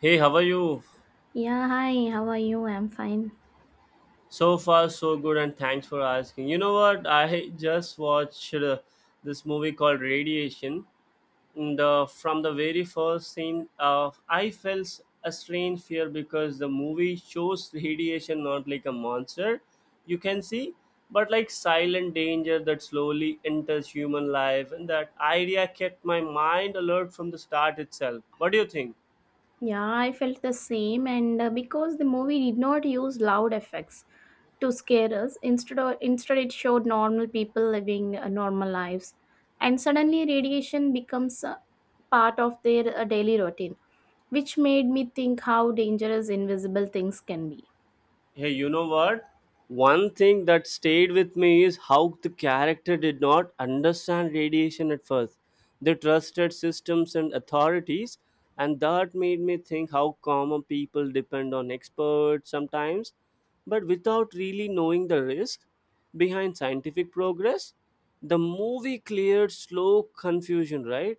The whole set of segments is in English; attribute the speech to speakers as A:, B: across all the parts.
A: Hey, how are you?
B: Yeah, hi, how are you? I'm fine.
A: So far, so good, and thanks for asking. You know what? I just watched this movie called Radiation. And from the very first scene, I felt a strange fear because the movie shows radiation not like a monster you can see, but like silent danger that slowly enters human life. And that idea kept my mind alert from the start itself. What do you think?
B: Yeah, I felt the same, and because the movie did not use loud effects to scare us. Instead, instead it showed normal people living normal lives, and suddenly radiation becomes part of their daily routine, which made me think how dangerous invisible things can be.
A: Hey, you know what? One thing that stayed with me is how the character did not understand radiation at first. They trusted systems and authorities, and that made me think how common people depend on experts sometimes, but without really knowing the risk behind scientific progress. The movie cleared slow confusion, right?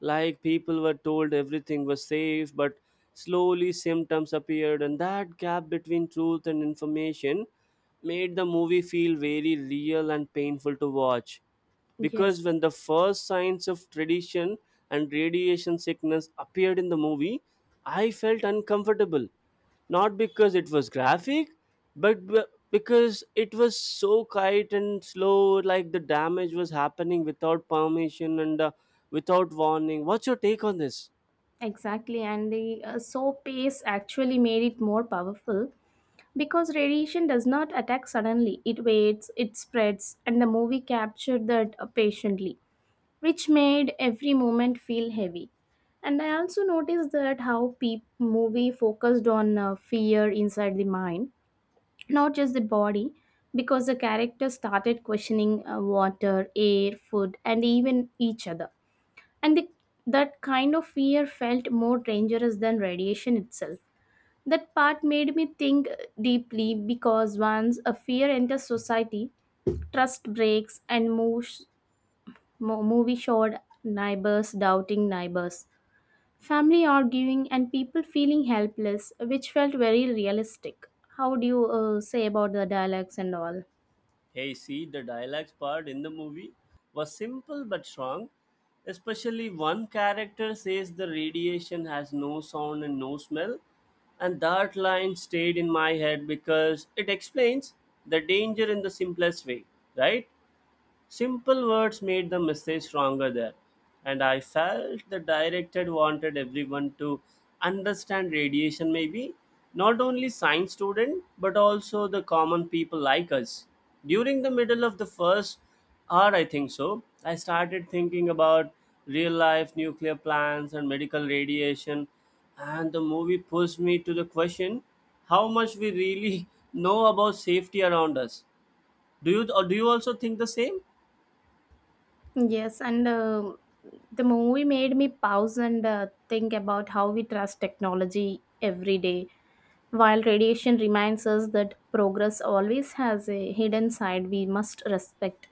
A: Like people were told everything was safe, but slowly symptoms appeared, and that gap between truth and information made the movie feel very real and painful to watch.
B: Yes,
A: Because when the first signs of tradition and radiation sickness appeared in the movie, I felt uncomfortable. Not because it was graphic, but because it was so quiet and slow like the damage was happening without permission and without warning. What's your take on this?
B: exactly, and the so pace actually made it more powerful. Because radiation does not attack suddenly, it waits, it spreads, and the movie captured that patiently, which made every moment feel heavy. And I also noticed that how movie focused on fear inside the mind, not just the body, because the character started questioning water, air, food, and even each other. And the, that kind of fear felt more dangerous than radiation itself. That part made me think deeply because once a fear enters society, trust breaks and moves. Mo- movie showed neighbors doubting neighbors, family arguing, and people feeling helpless, which felt very realistic. How do you say about the dialects and all?
A: Hey, see, the dialogues part in the movie was simple but strong. Especially one character says the radiation has no sound and no smell, and that line stayed in my head because it explains the danger in the simplest way, right? Simple words made the message stronger there, and I felt the director wanted everyone to understand radiation, maybe not only science student but also the common people like us. During the middle of the first hour, I think so, I started thinking about real life nuclear plants and medical radiation, and the movie pushed me to the question how much we really know about safety around us. Do you or do you also think the same?
B: Yes, and the movie made me pause and think about how we trust technology every day, while radiation reminds us that progress always has a hidden side we must respect.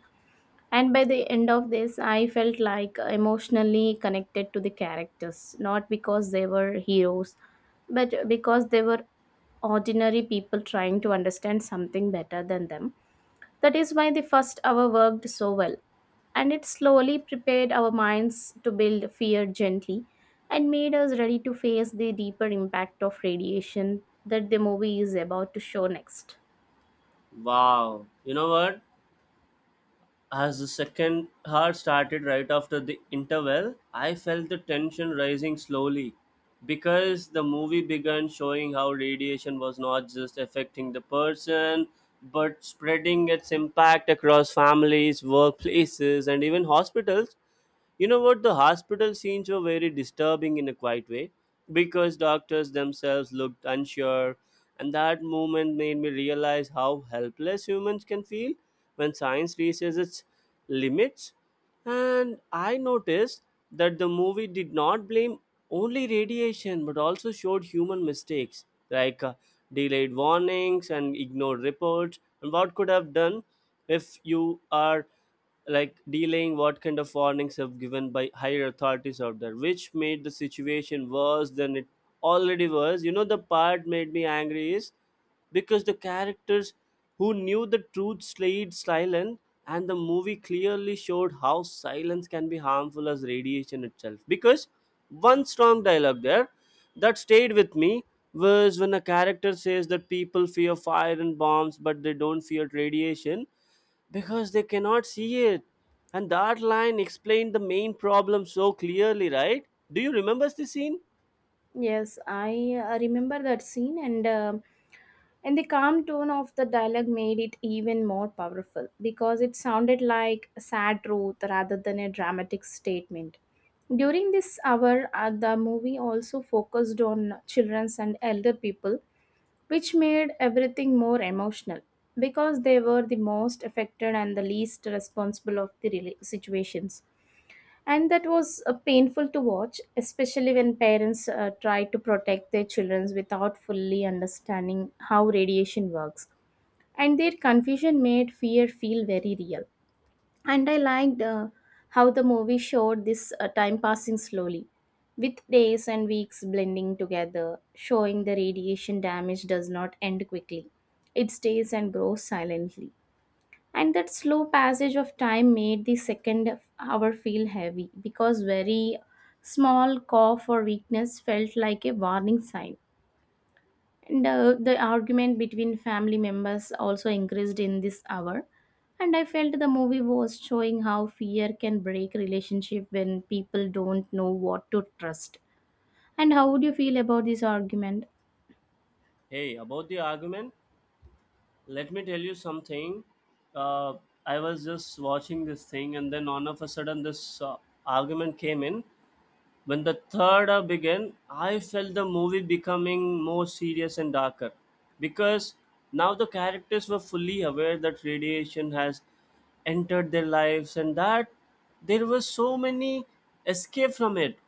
B: And by the end of this, I felt like emotionally connected to the characters, not because they were heroes, but because they were ordinary people trying to understand something better than them. That is why the first hour worked so well. And it slowly prepared our minds to build fear gently and made us ready to face the deeper impact of radiation that the movie is about to show next.
A: Wow. You know what? As the second half started right after the interval, I felt the tension rising slowly because the movie began showing how radiation was not just affecting the person but spreading its impact across families, workplaces, and even hospitals. You know what? The hospital scenes were very disturbing in a quiet way because doctors themselves looked unsure, and that moment made me realize how helpless humans can feel when science reaches its limits. And I noticed that the movie did not blame only radiation but also showed human mistakes like delayed warnings and ignored reports and what could have done if you are like delaying what kind of warnings have given by higher authorities out there, which made the situation worse than it already was. You know the part made me angry is because the characters who knew the truth stayed silent, and the movie clearly showed how silence can be harmful as radiation itself. Because one strong dialogue there that stayed with me was when a character says that people fear fire and bombs but they don't fear radiation because they cannot see it. And that line explained the main problem so clearly, right? Do you remember the scene?
B: Yes, I remember that scene, and the calm tone of the dialogue made it even more powerful because it sounded like a sad truth rather than a dramatic statement. During this hour, the movie also focused on childrens and elder people, which made everything more emotional because they were the most affected and the least responsible of the situations. And that was painful to watch, especially when parents try to protect their children without fully understanding how radiation works. And their confusion made fear feel very real. And I liked how the movie showed this time passing slowly, with days and weeks blending together, showing the radiation damage does not end quickly. It stays and grows silently. And that slow passage of time made the second hour feel heavy because very small cough or weakness felt like a warning sign. And the argument between family members also increased in this hour. And I felt the movie was showing how fear can break relationship when people don't know what to trust. And how would you feel about this argument?
A: Hey, about the argument, let me tell you something. Uh, I was just watching this thing, and then all of a sudden, this argument came in. When the third hour began, I felt the movie becoming more serious and darker because now the characters were fully aware that radiation has entered their lives and that there were so many escape from it,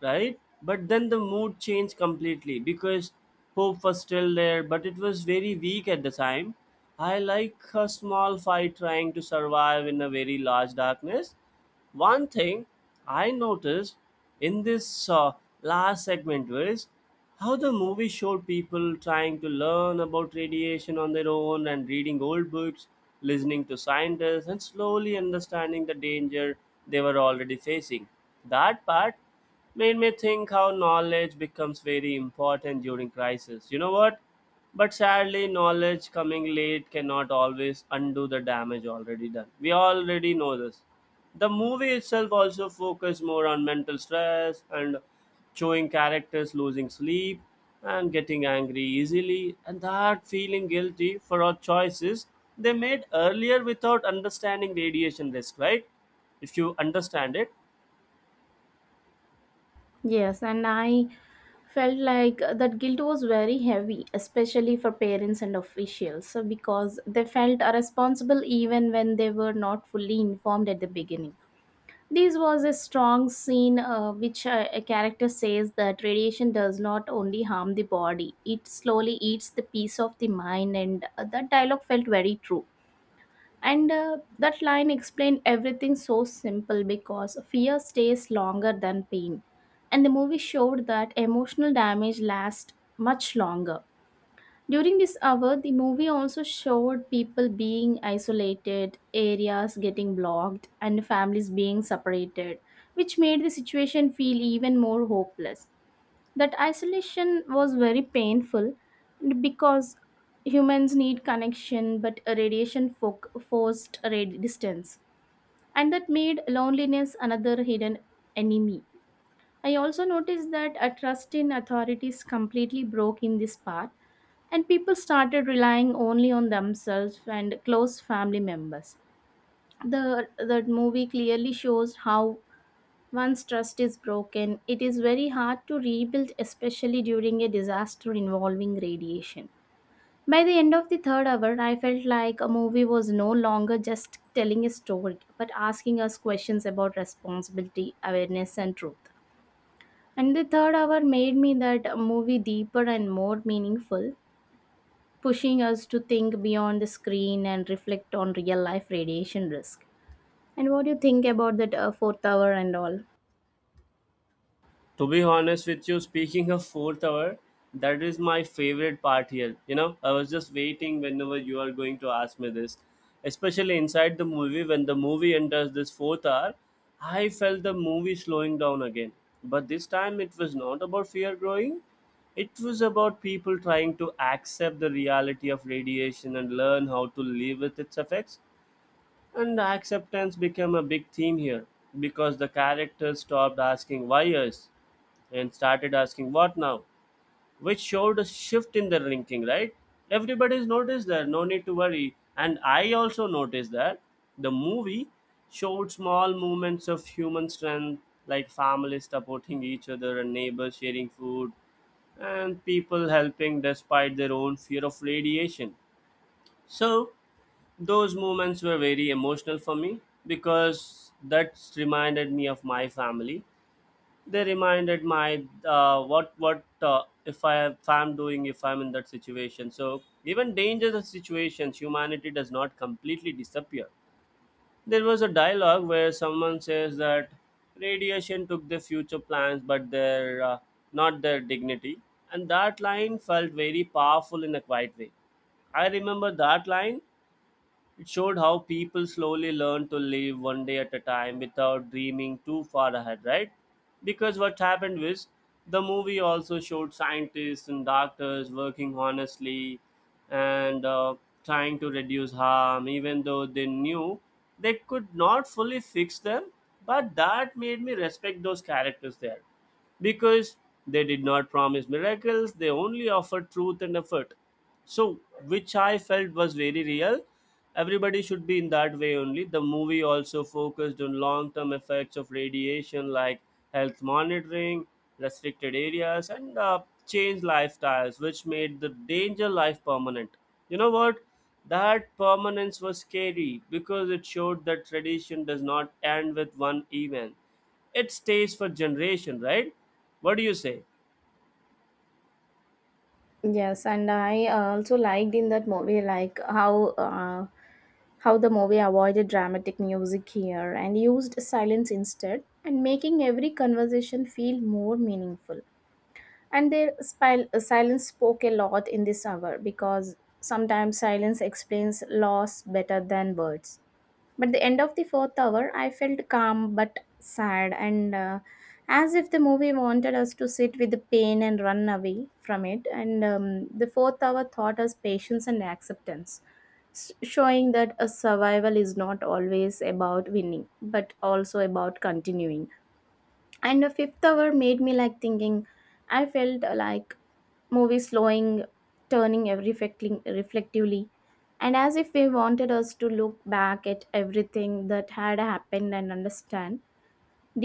A: right? But then the mood changed completely because hope was still there, but it was very weak at the time. I like a small fight trying to survive in a very large darkness. One thing I noticed in this last segment was how the movie showed people trying to learn about radiation on their own and reading old books, listening to scientists, and slowly understanding the danger they were already facing. That part made me think how knowledge becomes very important during crisis. You know what? But sadly, knowledge coming late cannot always undo the damage already done. We already know this. The movie itself also focused more on mental stress and showing characters losing sleep and getting angry easily and that feeling guilty for our choices they made earlier without understanding radiation risk, right? If you understand it,
B: Yes, and I felt like that guilt was very heavy, especially for parents and officials, so because they felt responsible even when they were not fully informed at the beginning. This was a strong scene which a character says that radiation does not only harm the body, it slowly eats the peace of the mind, and that dialogue felt very true and that line explained everything so simple because fear stays longer than pain. And the movie showed that emotional damage lasts much longer. During this hour, the movie also showed people being isolated, areas getting blocked, and families being separated, which made the situation feel even more hopeless. That isolation was very painful because humans need connection, but radiation forced distance, and that made loneliness another hidden enemy. I also noticed that a trust in authorities completely broke in this part, and people started relying only on themselves and close family members. The movie clearly shows how once trust is broken, it is very hard to rebuild, especially during a disaster involving radiation. By the end of the third hour, I felt like a movie was no longer just telling a story, but asking us questions about responsibility, awareness, and truth. And the third hour made me that movie deeper and more meaningful, pushing us to think beyond the screen and reflect on real life radiation risk. And what do you think about that fourth hour and all?
A: to be honest with you, speaking of fourth hour, that is my favorite part here. You know, I was just waiting whenever you are going to ask me this. Especially inside the movie, when the movie enters this fourth hour, I felt the movie slowing down again, but this time it was not about fear growing. It was about people trying to accept the reality of radiation and learn how to live with its effects. And acceptance became a big theme here because the characters stopped asking why us and started asking what now, which showed a shift in their thinking, right? Everybody's noticed that, no need to worry. And I also noticed that the movie showed small moments of human strength, like families supporting each other and neighbors sharing food and people helping despite their own fear of radiation. So, those moments were very emotional for me because that reminded me of my family. They reminded my what if I if I'm doing if I'm in that situation. So even dangerous situations, humanity does not completely disappear. There was a dialogue where someone says that radiation took their future plans, but their not their dignity, and that line felt very powerful in a quiet way. I remember that line. It showed how people slowly learn to live one day at a time without dreaming too far ahead, right? Because what happened was the movie also showed scientists and doctors working honestly and trying to reduce harm, even though they knew they could not fully fix them. But that made me respect those characters there because they did not promise miracles, they only offered truth and effort. So, which I felt was very real. Everybody should be in that way only. The movie also focused on long term effects of radiation like health monitoring, restricted areas, and changed lifestyles, which made the danger life permanent. You know what? That permanence was scary because it showed that tradition does not end with one event. It stays for generation, right? What do you say?
B: Yes, and I also liked in that movie like how the movie avoided dramatic music here and used silence instead, and making every conversation feel more meaningful. And their silence spoke a lot in this hour because sometimes silence explains loss better than words. But the end of the fourth hour, I felt calm but sad, and as if the movie wanted us to sit with the pain and run away from it. And the fourth hour taught us patience and acceptance, showing that a survival is not always about winning, but also about continuing. And the fifth hour made me like thinking. I felt like movie slowing, turning every reflecting reflectively, and as if they wanted us to look back at everything that had happened and understand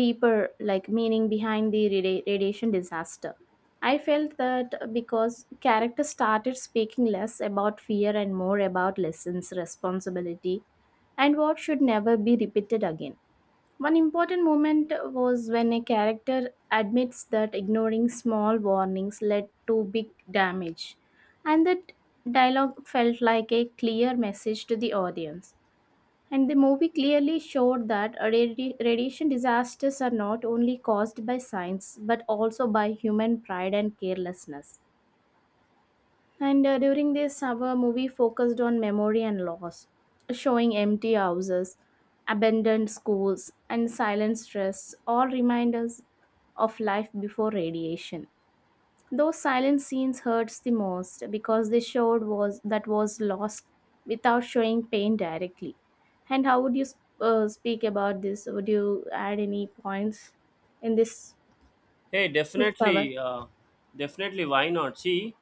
B: deeper like meaning behind the radiation disaster. I felt that because characters started speaking less about fear and more about lessons responsibility and what should never be repeated again. One important moment was when a character admits that ignoring small warnings led to big damage, and that dialogue felt like a clear message to the audience. And the movie clearly showed that radiation disasters are not only caused by science but also by human pride and carelessness. And during this, our movie focused on memory and loss, showing empty houses, abandoned schools, and silent stress, all reminders of life before radiation. Those silent scenes hurts the most because they showed was that was lost without showing pain directly. And how would you speak about this? Would you add any points in this
A: Hey,
B: fifth hour?
A: definitely, definitely, why not? See,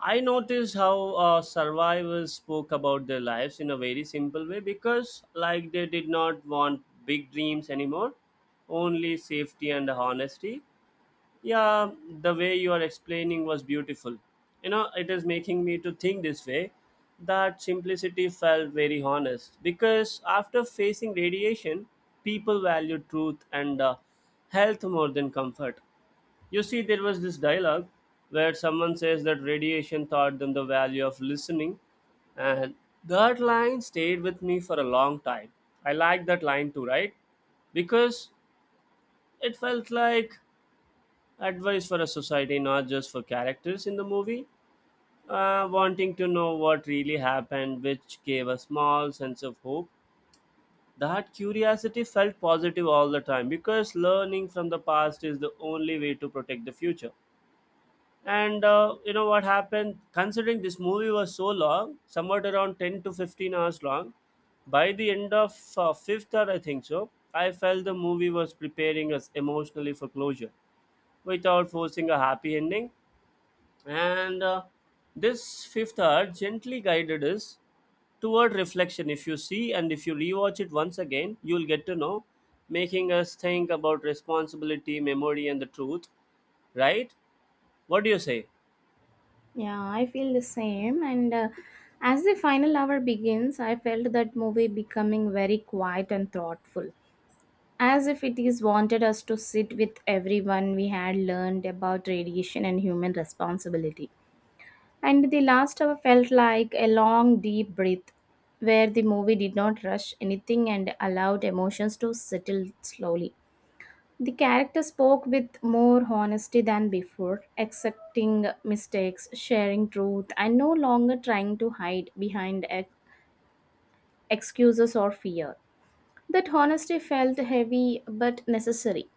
A: I noticed how survivors spoke about their lives in a very simple way because, like, they did not want big dreams anymore, only safety and honesty. Yeah, the way you are explaining was beautiful. You know, it is making me to think this way that simplicity felt very honest because after facing radiation, people value truth and health more than comfort. You see, there was this dialogue where someone says that radiation taught them the value of listening, and that line stayed with me for a long time. I like that line too, right? Because it felt like advice for a society, not just for characters in the movie, wanting to know what really happened, which gave a small sense of hope. That curiosity felt positive all the time because learning from the past is the only way to protect the future. And you know what happened? Considering this movie was so long, somewhat around 10 to 15 hours long, by the end of fifth hour, I think so, I felt the movie was preparing us emotionally for closure without forcing a happy ending. And this fifth hour gently guided us toward reflection. If you see and if you rewatch it once again, you'll get to know, making us think about responsibility, memory, and the truth, right? What do you say?
B: Yeah, I feel the same. And as the final hour begins, I felt that movie becoming very quiet and thoughtful, as if it is wanted us to sit with everyone we had learned about radiation and human responsibility. And the last hour felt like a long, deep breath, where the movie did not rush anything and allowed emotions to settle slowly. The character spoke with more honesty than before, accepting mistakes, sharing truth, and no longer trying to hide behind excuses or fear. That honesty felt heavy but necessary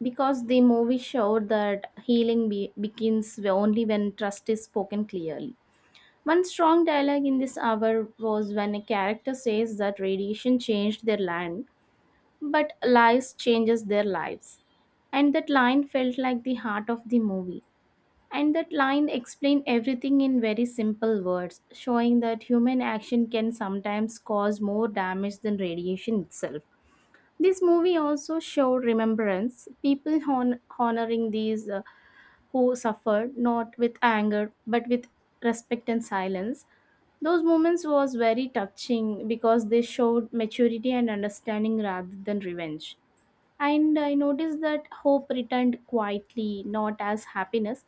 B: because the movie showed that healing begins only when trust is spoken clearly. One strong dialogue in this hour was when a character says that radiation changed their land but lies changes their lives, and that line felt like the heart of the movie. And that line explained everything in very simple words, showing that human action can sometimes cause more damage than radiation itself. This movie also showed remembrance, people honoring these who suffered, not with anger but with respect and silence. Those moments was very touching because they showed maturity and understanding rather than revenge. And I noticed that hope returned quietly, not as happiness,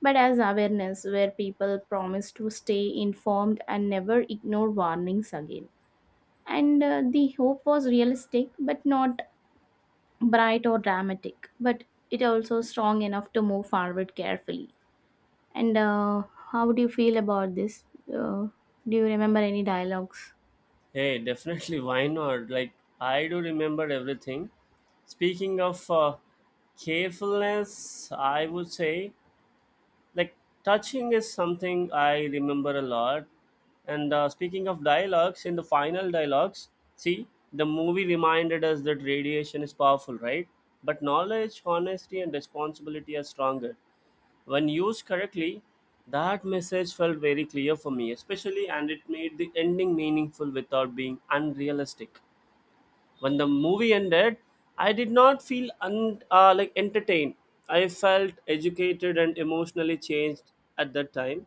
B: but as awareness, where people promised to stay informed and never ignore warnings again. And the hope was realistic, but not bright or dramatic, but it also strong enough to move forward carefully. And how do you feel about this? Do you remember any dialogues?
A: Hey, definitely, why not? Like, I do remember everything. Speaking of carefulness, I would say, like, touching is something I remember a lot. And speaking of dialogues, in the final dialogues, see, the movie reminded us that radiation is powerful, right? But knowledge, honesty, and responsibility are stronger. When used correctly, that message felt very clear for me, especially, and it made the ending meaningful without being unrealistic. When the movie ended, I did not feel like entertained. I felt educated and emotionally changed at that time.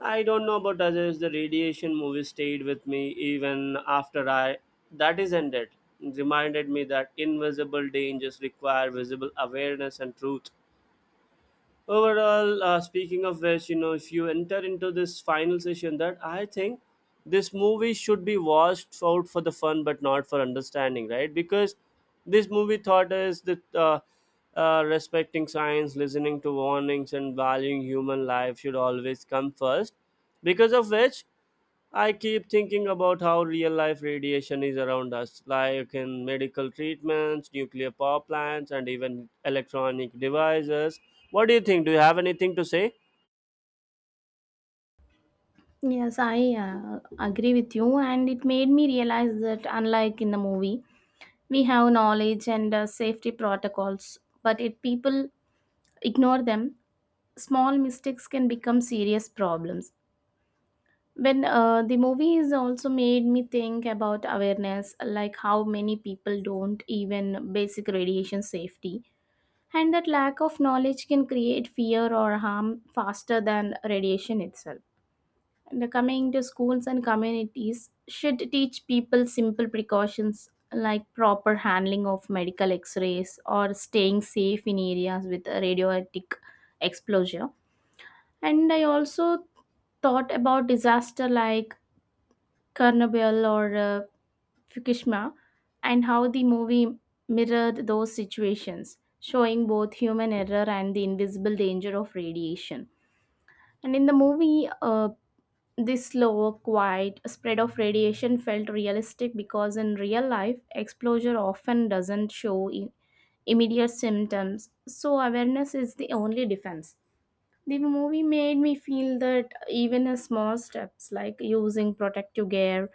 A: I don't know about others. The radiation movie stayed with me even after I that is ended. It reminded me that invisible dangers require visible awareness and truth overall. Speaking of which, if you enter into this final session, that I think this movie should be watched out for the fun but not for understanding, right? Because this movie thought is that respecting science, listening to warnings, and valuing human life should always come first, because of which I keep thinking about how real life radiation is around us, like in medical treatments, nuclear power plants, and even electronic devices. What do you think? Do you have anything to say?
B: Yes, I agree with you, and it made me realize that unlike in the movie, we have knowledge and safety protocols, but if people ignore them, small mistakes can become serious problems. When the movie is also made me think about awareness, like how many people don't even basic radiation safety, and that lack of knowledge can create fear or harm faster than radiation itself. The coming to schools and communities should teach people simple precautions like proper handling of medical x-rays or staying safe in areas with a radioactive exposure. And I also thought about disaster like Chernobyl or Fukushima, and how the movie mirrored those situations, showing both human error and the invisible danger of radiation. And in the movie this slow, quiet spread of radiation felt realistic because in real life, exposure often doesn't show immediate symptoms, so awareness is the only defense. The movie made me feel that even a small steps like using protective gear,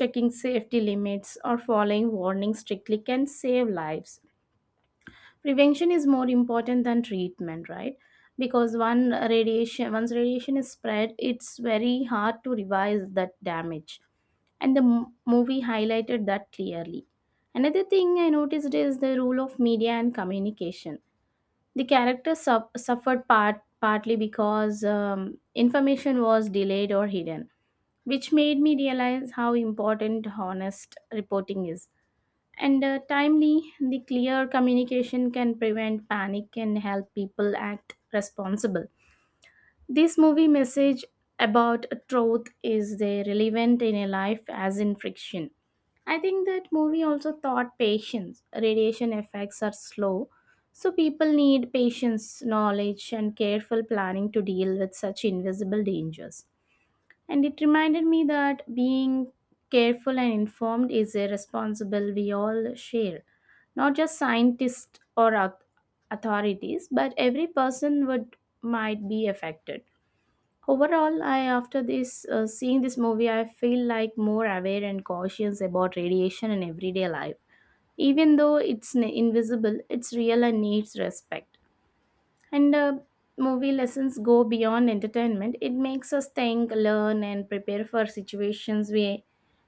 B: checking safety limits, or following warnings strictly can save lives. Prevention is more important than treatment, right? Because one radiation once radiation is spread, it's very hard to revise that damage. And the movie highlighted that clearly. Another thing I noticed is the role of media and communication. The characters suffered partly because information was delayed or hidden, which made me realize how important honest reporting is. And timely, the clear communication can prevent panic and help people act responsible. This movie message about truth is relevant in a life as in friction. I think that movie also taught patience. Radiation effects are slow, so people need patience, knowledge, and careful planning to deal with such invisible dangers. And it reminded me that being careful and informed is a responsible we all share, not just scientists or authorities, but every person would might be affected. Overall, I after this seeing this movie, I feel like more aware and cautious about radiation in everyday life. Even though it's invisible, it's real and needs respect. And Movie lessons go beyond entertainment. It makes us think, learn, and prepare for situations we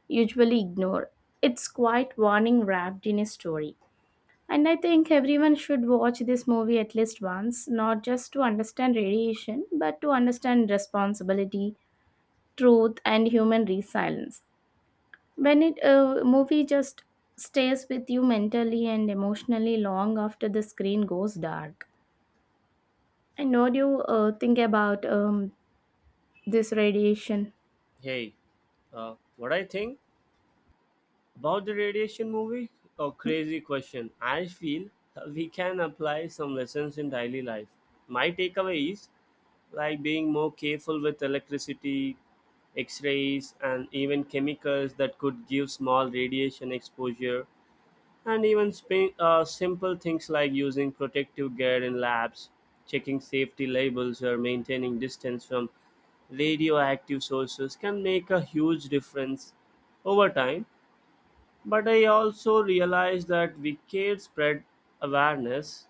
B: usually ignore. It's quite warning wrapped in a story. And I think everyone should watch this movie at least once, not just to understand radiation, but to understand responsibility, truth, and human resilience. When it a movie just stays with you mentally and emotionally long after the screen goes dark. And what do you think about this radiation.
A: Hey, what I think about the radiation movie? A crazy question. I feel we can apply some lessons in daily life. My takeaway is like being more careful with electricity, x rays, and even chemicals that could give small radiation exposure. And even simple things like using protective gear in labs, checking safety labels, or maintaining distance from radioactive sources can make a huge difference over time. But I also realize that we can spread awareness,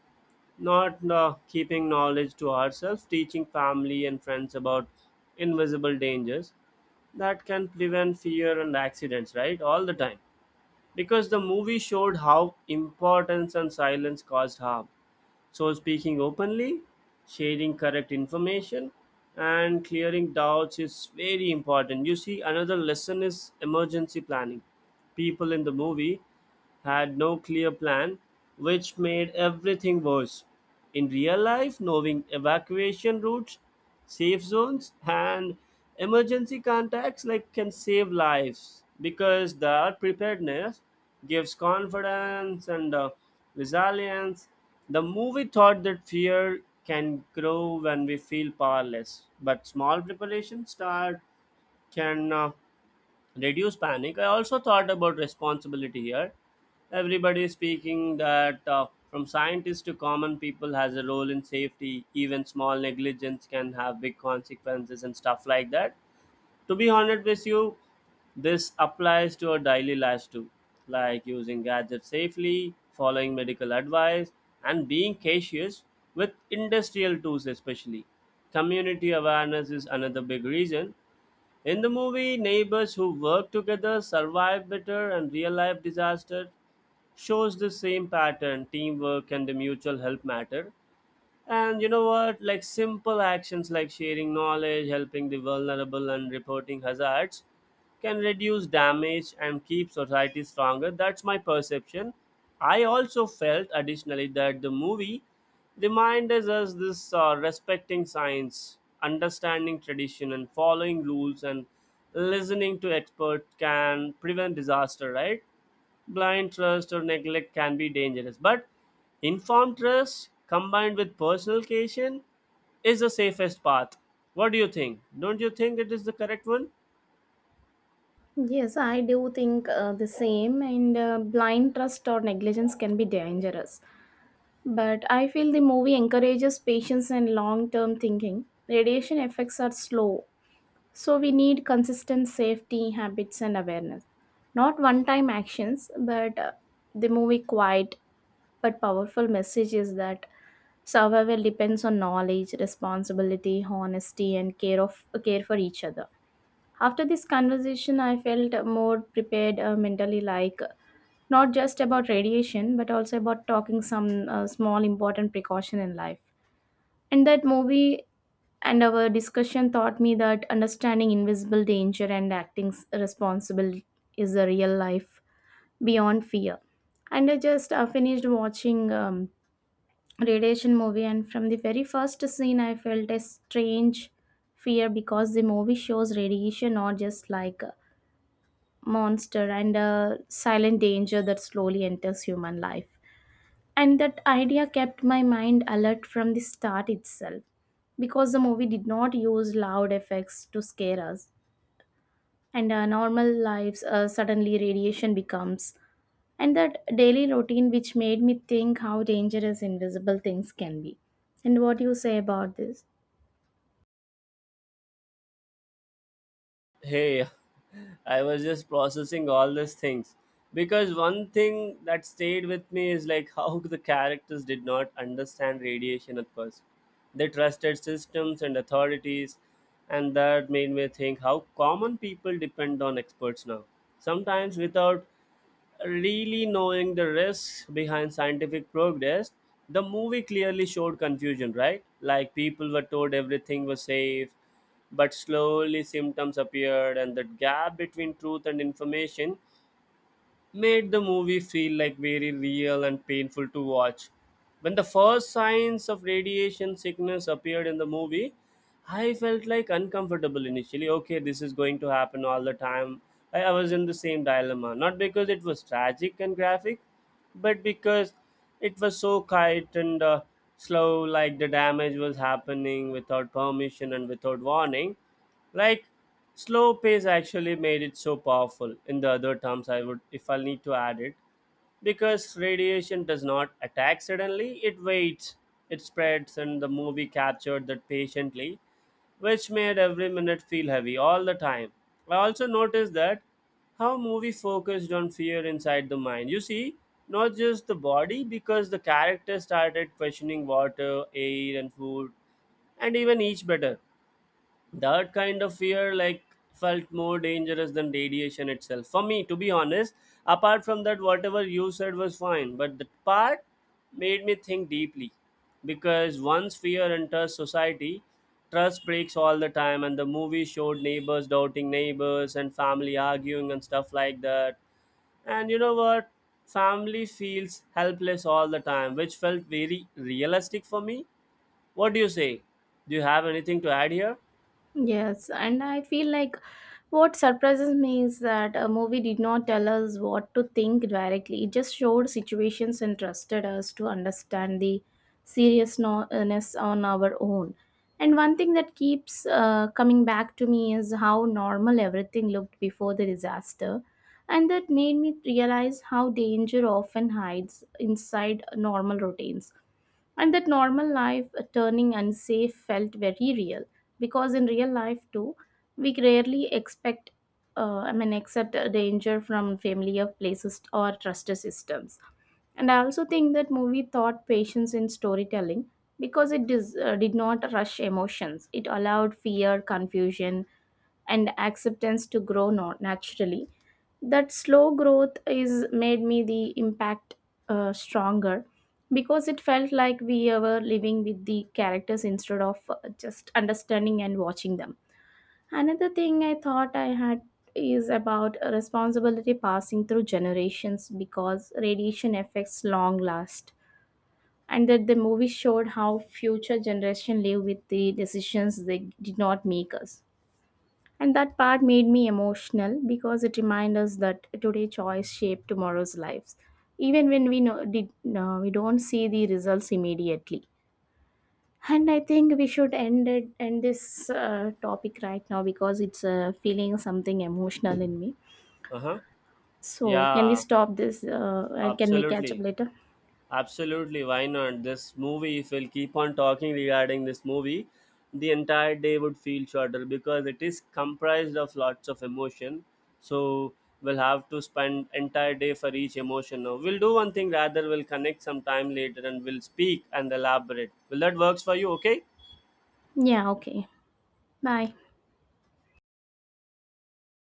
A: not keeping knowledge to ourselves, teaching family and friends about invisible dangers that can prevent fear and accidents, right? All the time. Because the movie showed how importance and silence caused harm. So, speaking openly, sharing correct information, and clearing doubts is very important. You see, another lesson is emergency planning. People in the movie had no clear plan, which made everything worse. In real life, knowing evacuation routes, safe zones, and emergency contacts like can save lives, because that preparedness gives confidence and resilience. The movie thought that fear can grow when we feel powerless, but small preparation start can reduce panic. I also thought about responsibility here. Everybody is speaking that from scientists to common people has a role in safety. Even small negligence can have big consequences and stuff like that. To be honest with you, this applies to our daily lives too, like using gadgets safely, following medical advice, and being cautious with industrial tools especially. Community awareness is another big reason. In the movie, neighbors who work together survive better, and real life disaster shows the same pattern. Teamwork and the mutual help matter. And you know what? Like simple actions like sharing knowledge, helping the vulnerable, and reporting hazards can reduce damage and keep society stronger. That's my perception. I also felt additionally that the movie reminded us this respecting science, understanding tradition, and following rules and listening to experts can prevent disaster, right? Blind trust or neglect can be dangerous, but informed trust combined with personal caution is the safest path. What do you think? Don't you think it is the correct one?
B: Yes, I do think the same, and blind trust or negligence can be dangerous. But I feel the movie encourages patience and long term thinking. Radiation effects are slow, so we need consistent safety habits and awareness. Not one time actions, but the movie quiet but powerful message is that survival depends on knowledge, responsibility, honesty, and care of care for each other. After this conversation, I felt more prepared mentally, like not just about radiation, but also about talking some small important precaution in life. And that movie and our discussion taught me that understanding invisible danger and acting responsible is a real life beyond fear. And I just finished watching radiation movie, and from the very first scene, I felt a strange fear because the movie shows radiation not just like monster and a silent danger that slowly enters human life. And that idea kept my mind alert from the start itself because the movie did not use loud effects to scare us. And our normal lives suddenly radiation becomes, and that daily routine which made me think how dangerous invisible things can be. And what do you say about this?
A: Hey, I was just processing all these things, because one thing that stayed with me is like how the characters did not understand radiation at first. They trusted systems and authorities, and that made me think how common people depend on experts now, sometimes without really knowing the risks behind scientific progress. The movie clearly showed confusion, right? Like people were told everything was safe, but slowly symptoms appeared, and the gap between truth and information made the movie feel like very real and painful to watch. When the first signs of radiation sickness appeared in the movie, I felt like uncomfortable initially. Okay, this is going to happen all the time. I was in the same dilemma, not because it was tragic and graphic, but because it was so quiet and slow, like the damage was happening without permission and without warning, like slow pace actually made it so powerful in the other terms, I would if I'll need to add it. Because radiation does not attack suddenly, it waits, it spreads, and the movie captured that patiently, which made every minute feel heavy all the time. I also noticed that how movie focused on fear inside the mind, you see, not just the body, because the character started questioning water, air, and food, and even each better. That kind of fear like felt more dangerous than radiation itself for me, to be honest. Apart from that, whatever you said was fine, but that part made me think deeply, because once fear enters society, trust breaks all the time, and the movie showed neighbors doubting neighbors and family arguing and stuff like that. And you know what? Family feels helpless all the time, which felt very realistic for me. What do you say? Do you have anything to add here?
B: Yes, and I feel like what surprises me is that a movie did not tell us what to think directly. It just showed situations and trusted us to understand the seriousness on our own. And one thing that keeps coming back to me is how normal everything looked before the disaster. And that made me realize how danger often hides inside normal routines, and that normal life turning unsafe felt very real because in real life too we rarely expect I mean accept a danger from familiar places or trusted systems. And I also think that movie taught patience in storytelling because it did not rush emotions. It allowed fear, confusion, and acceptance to grow naturally. That slow growth is made me the impact stronger because it felt like we were living with the characters instead of just understanding and watching them. Another thing I thought I had is about a responsibility passing through generations because radiation effects long last, and that the movie showed how future generation live with the decisions they did not make us. And that part made me emotional because it reminds us that today choice shape tomorrow's lives, even when we know did no, we don't see the results immediately. And I think we should end it, end this topic right now because it's feeling something emotional in me.
A: Uh-huh.
B: So can we
A: Yeah,
B: stop this? And can we catch up
A: absolutely.
B: later?
A: Absolutely. Why not? This movie, if we'll keep on talking regarding this movie, the entire day would feel shorter because it is comprised of lots of emotion. So we'll have to spend entire day for each emotion now. We'll do one thing rather, we'll connect some time later and we'll speak and elaborate. Will that works for you? Okay?
B: Yeah. Okay. Bye.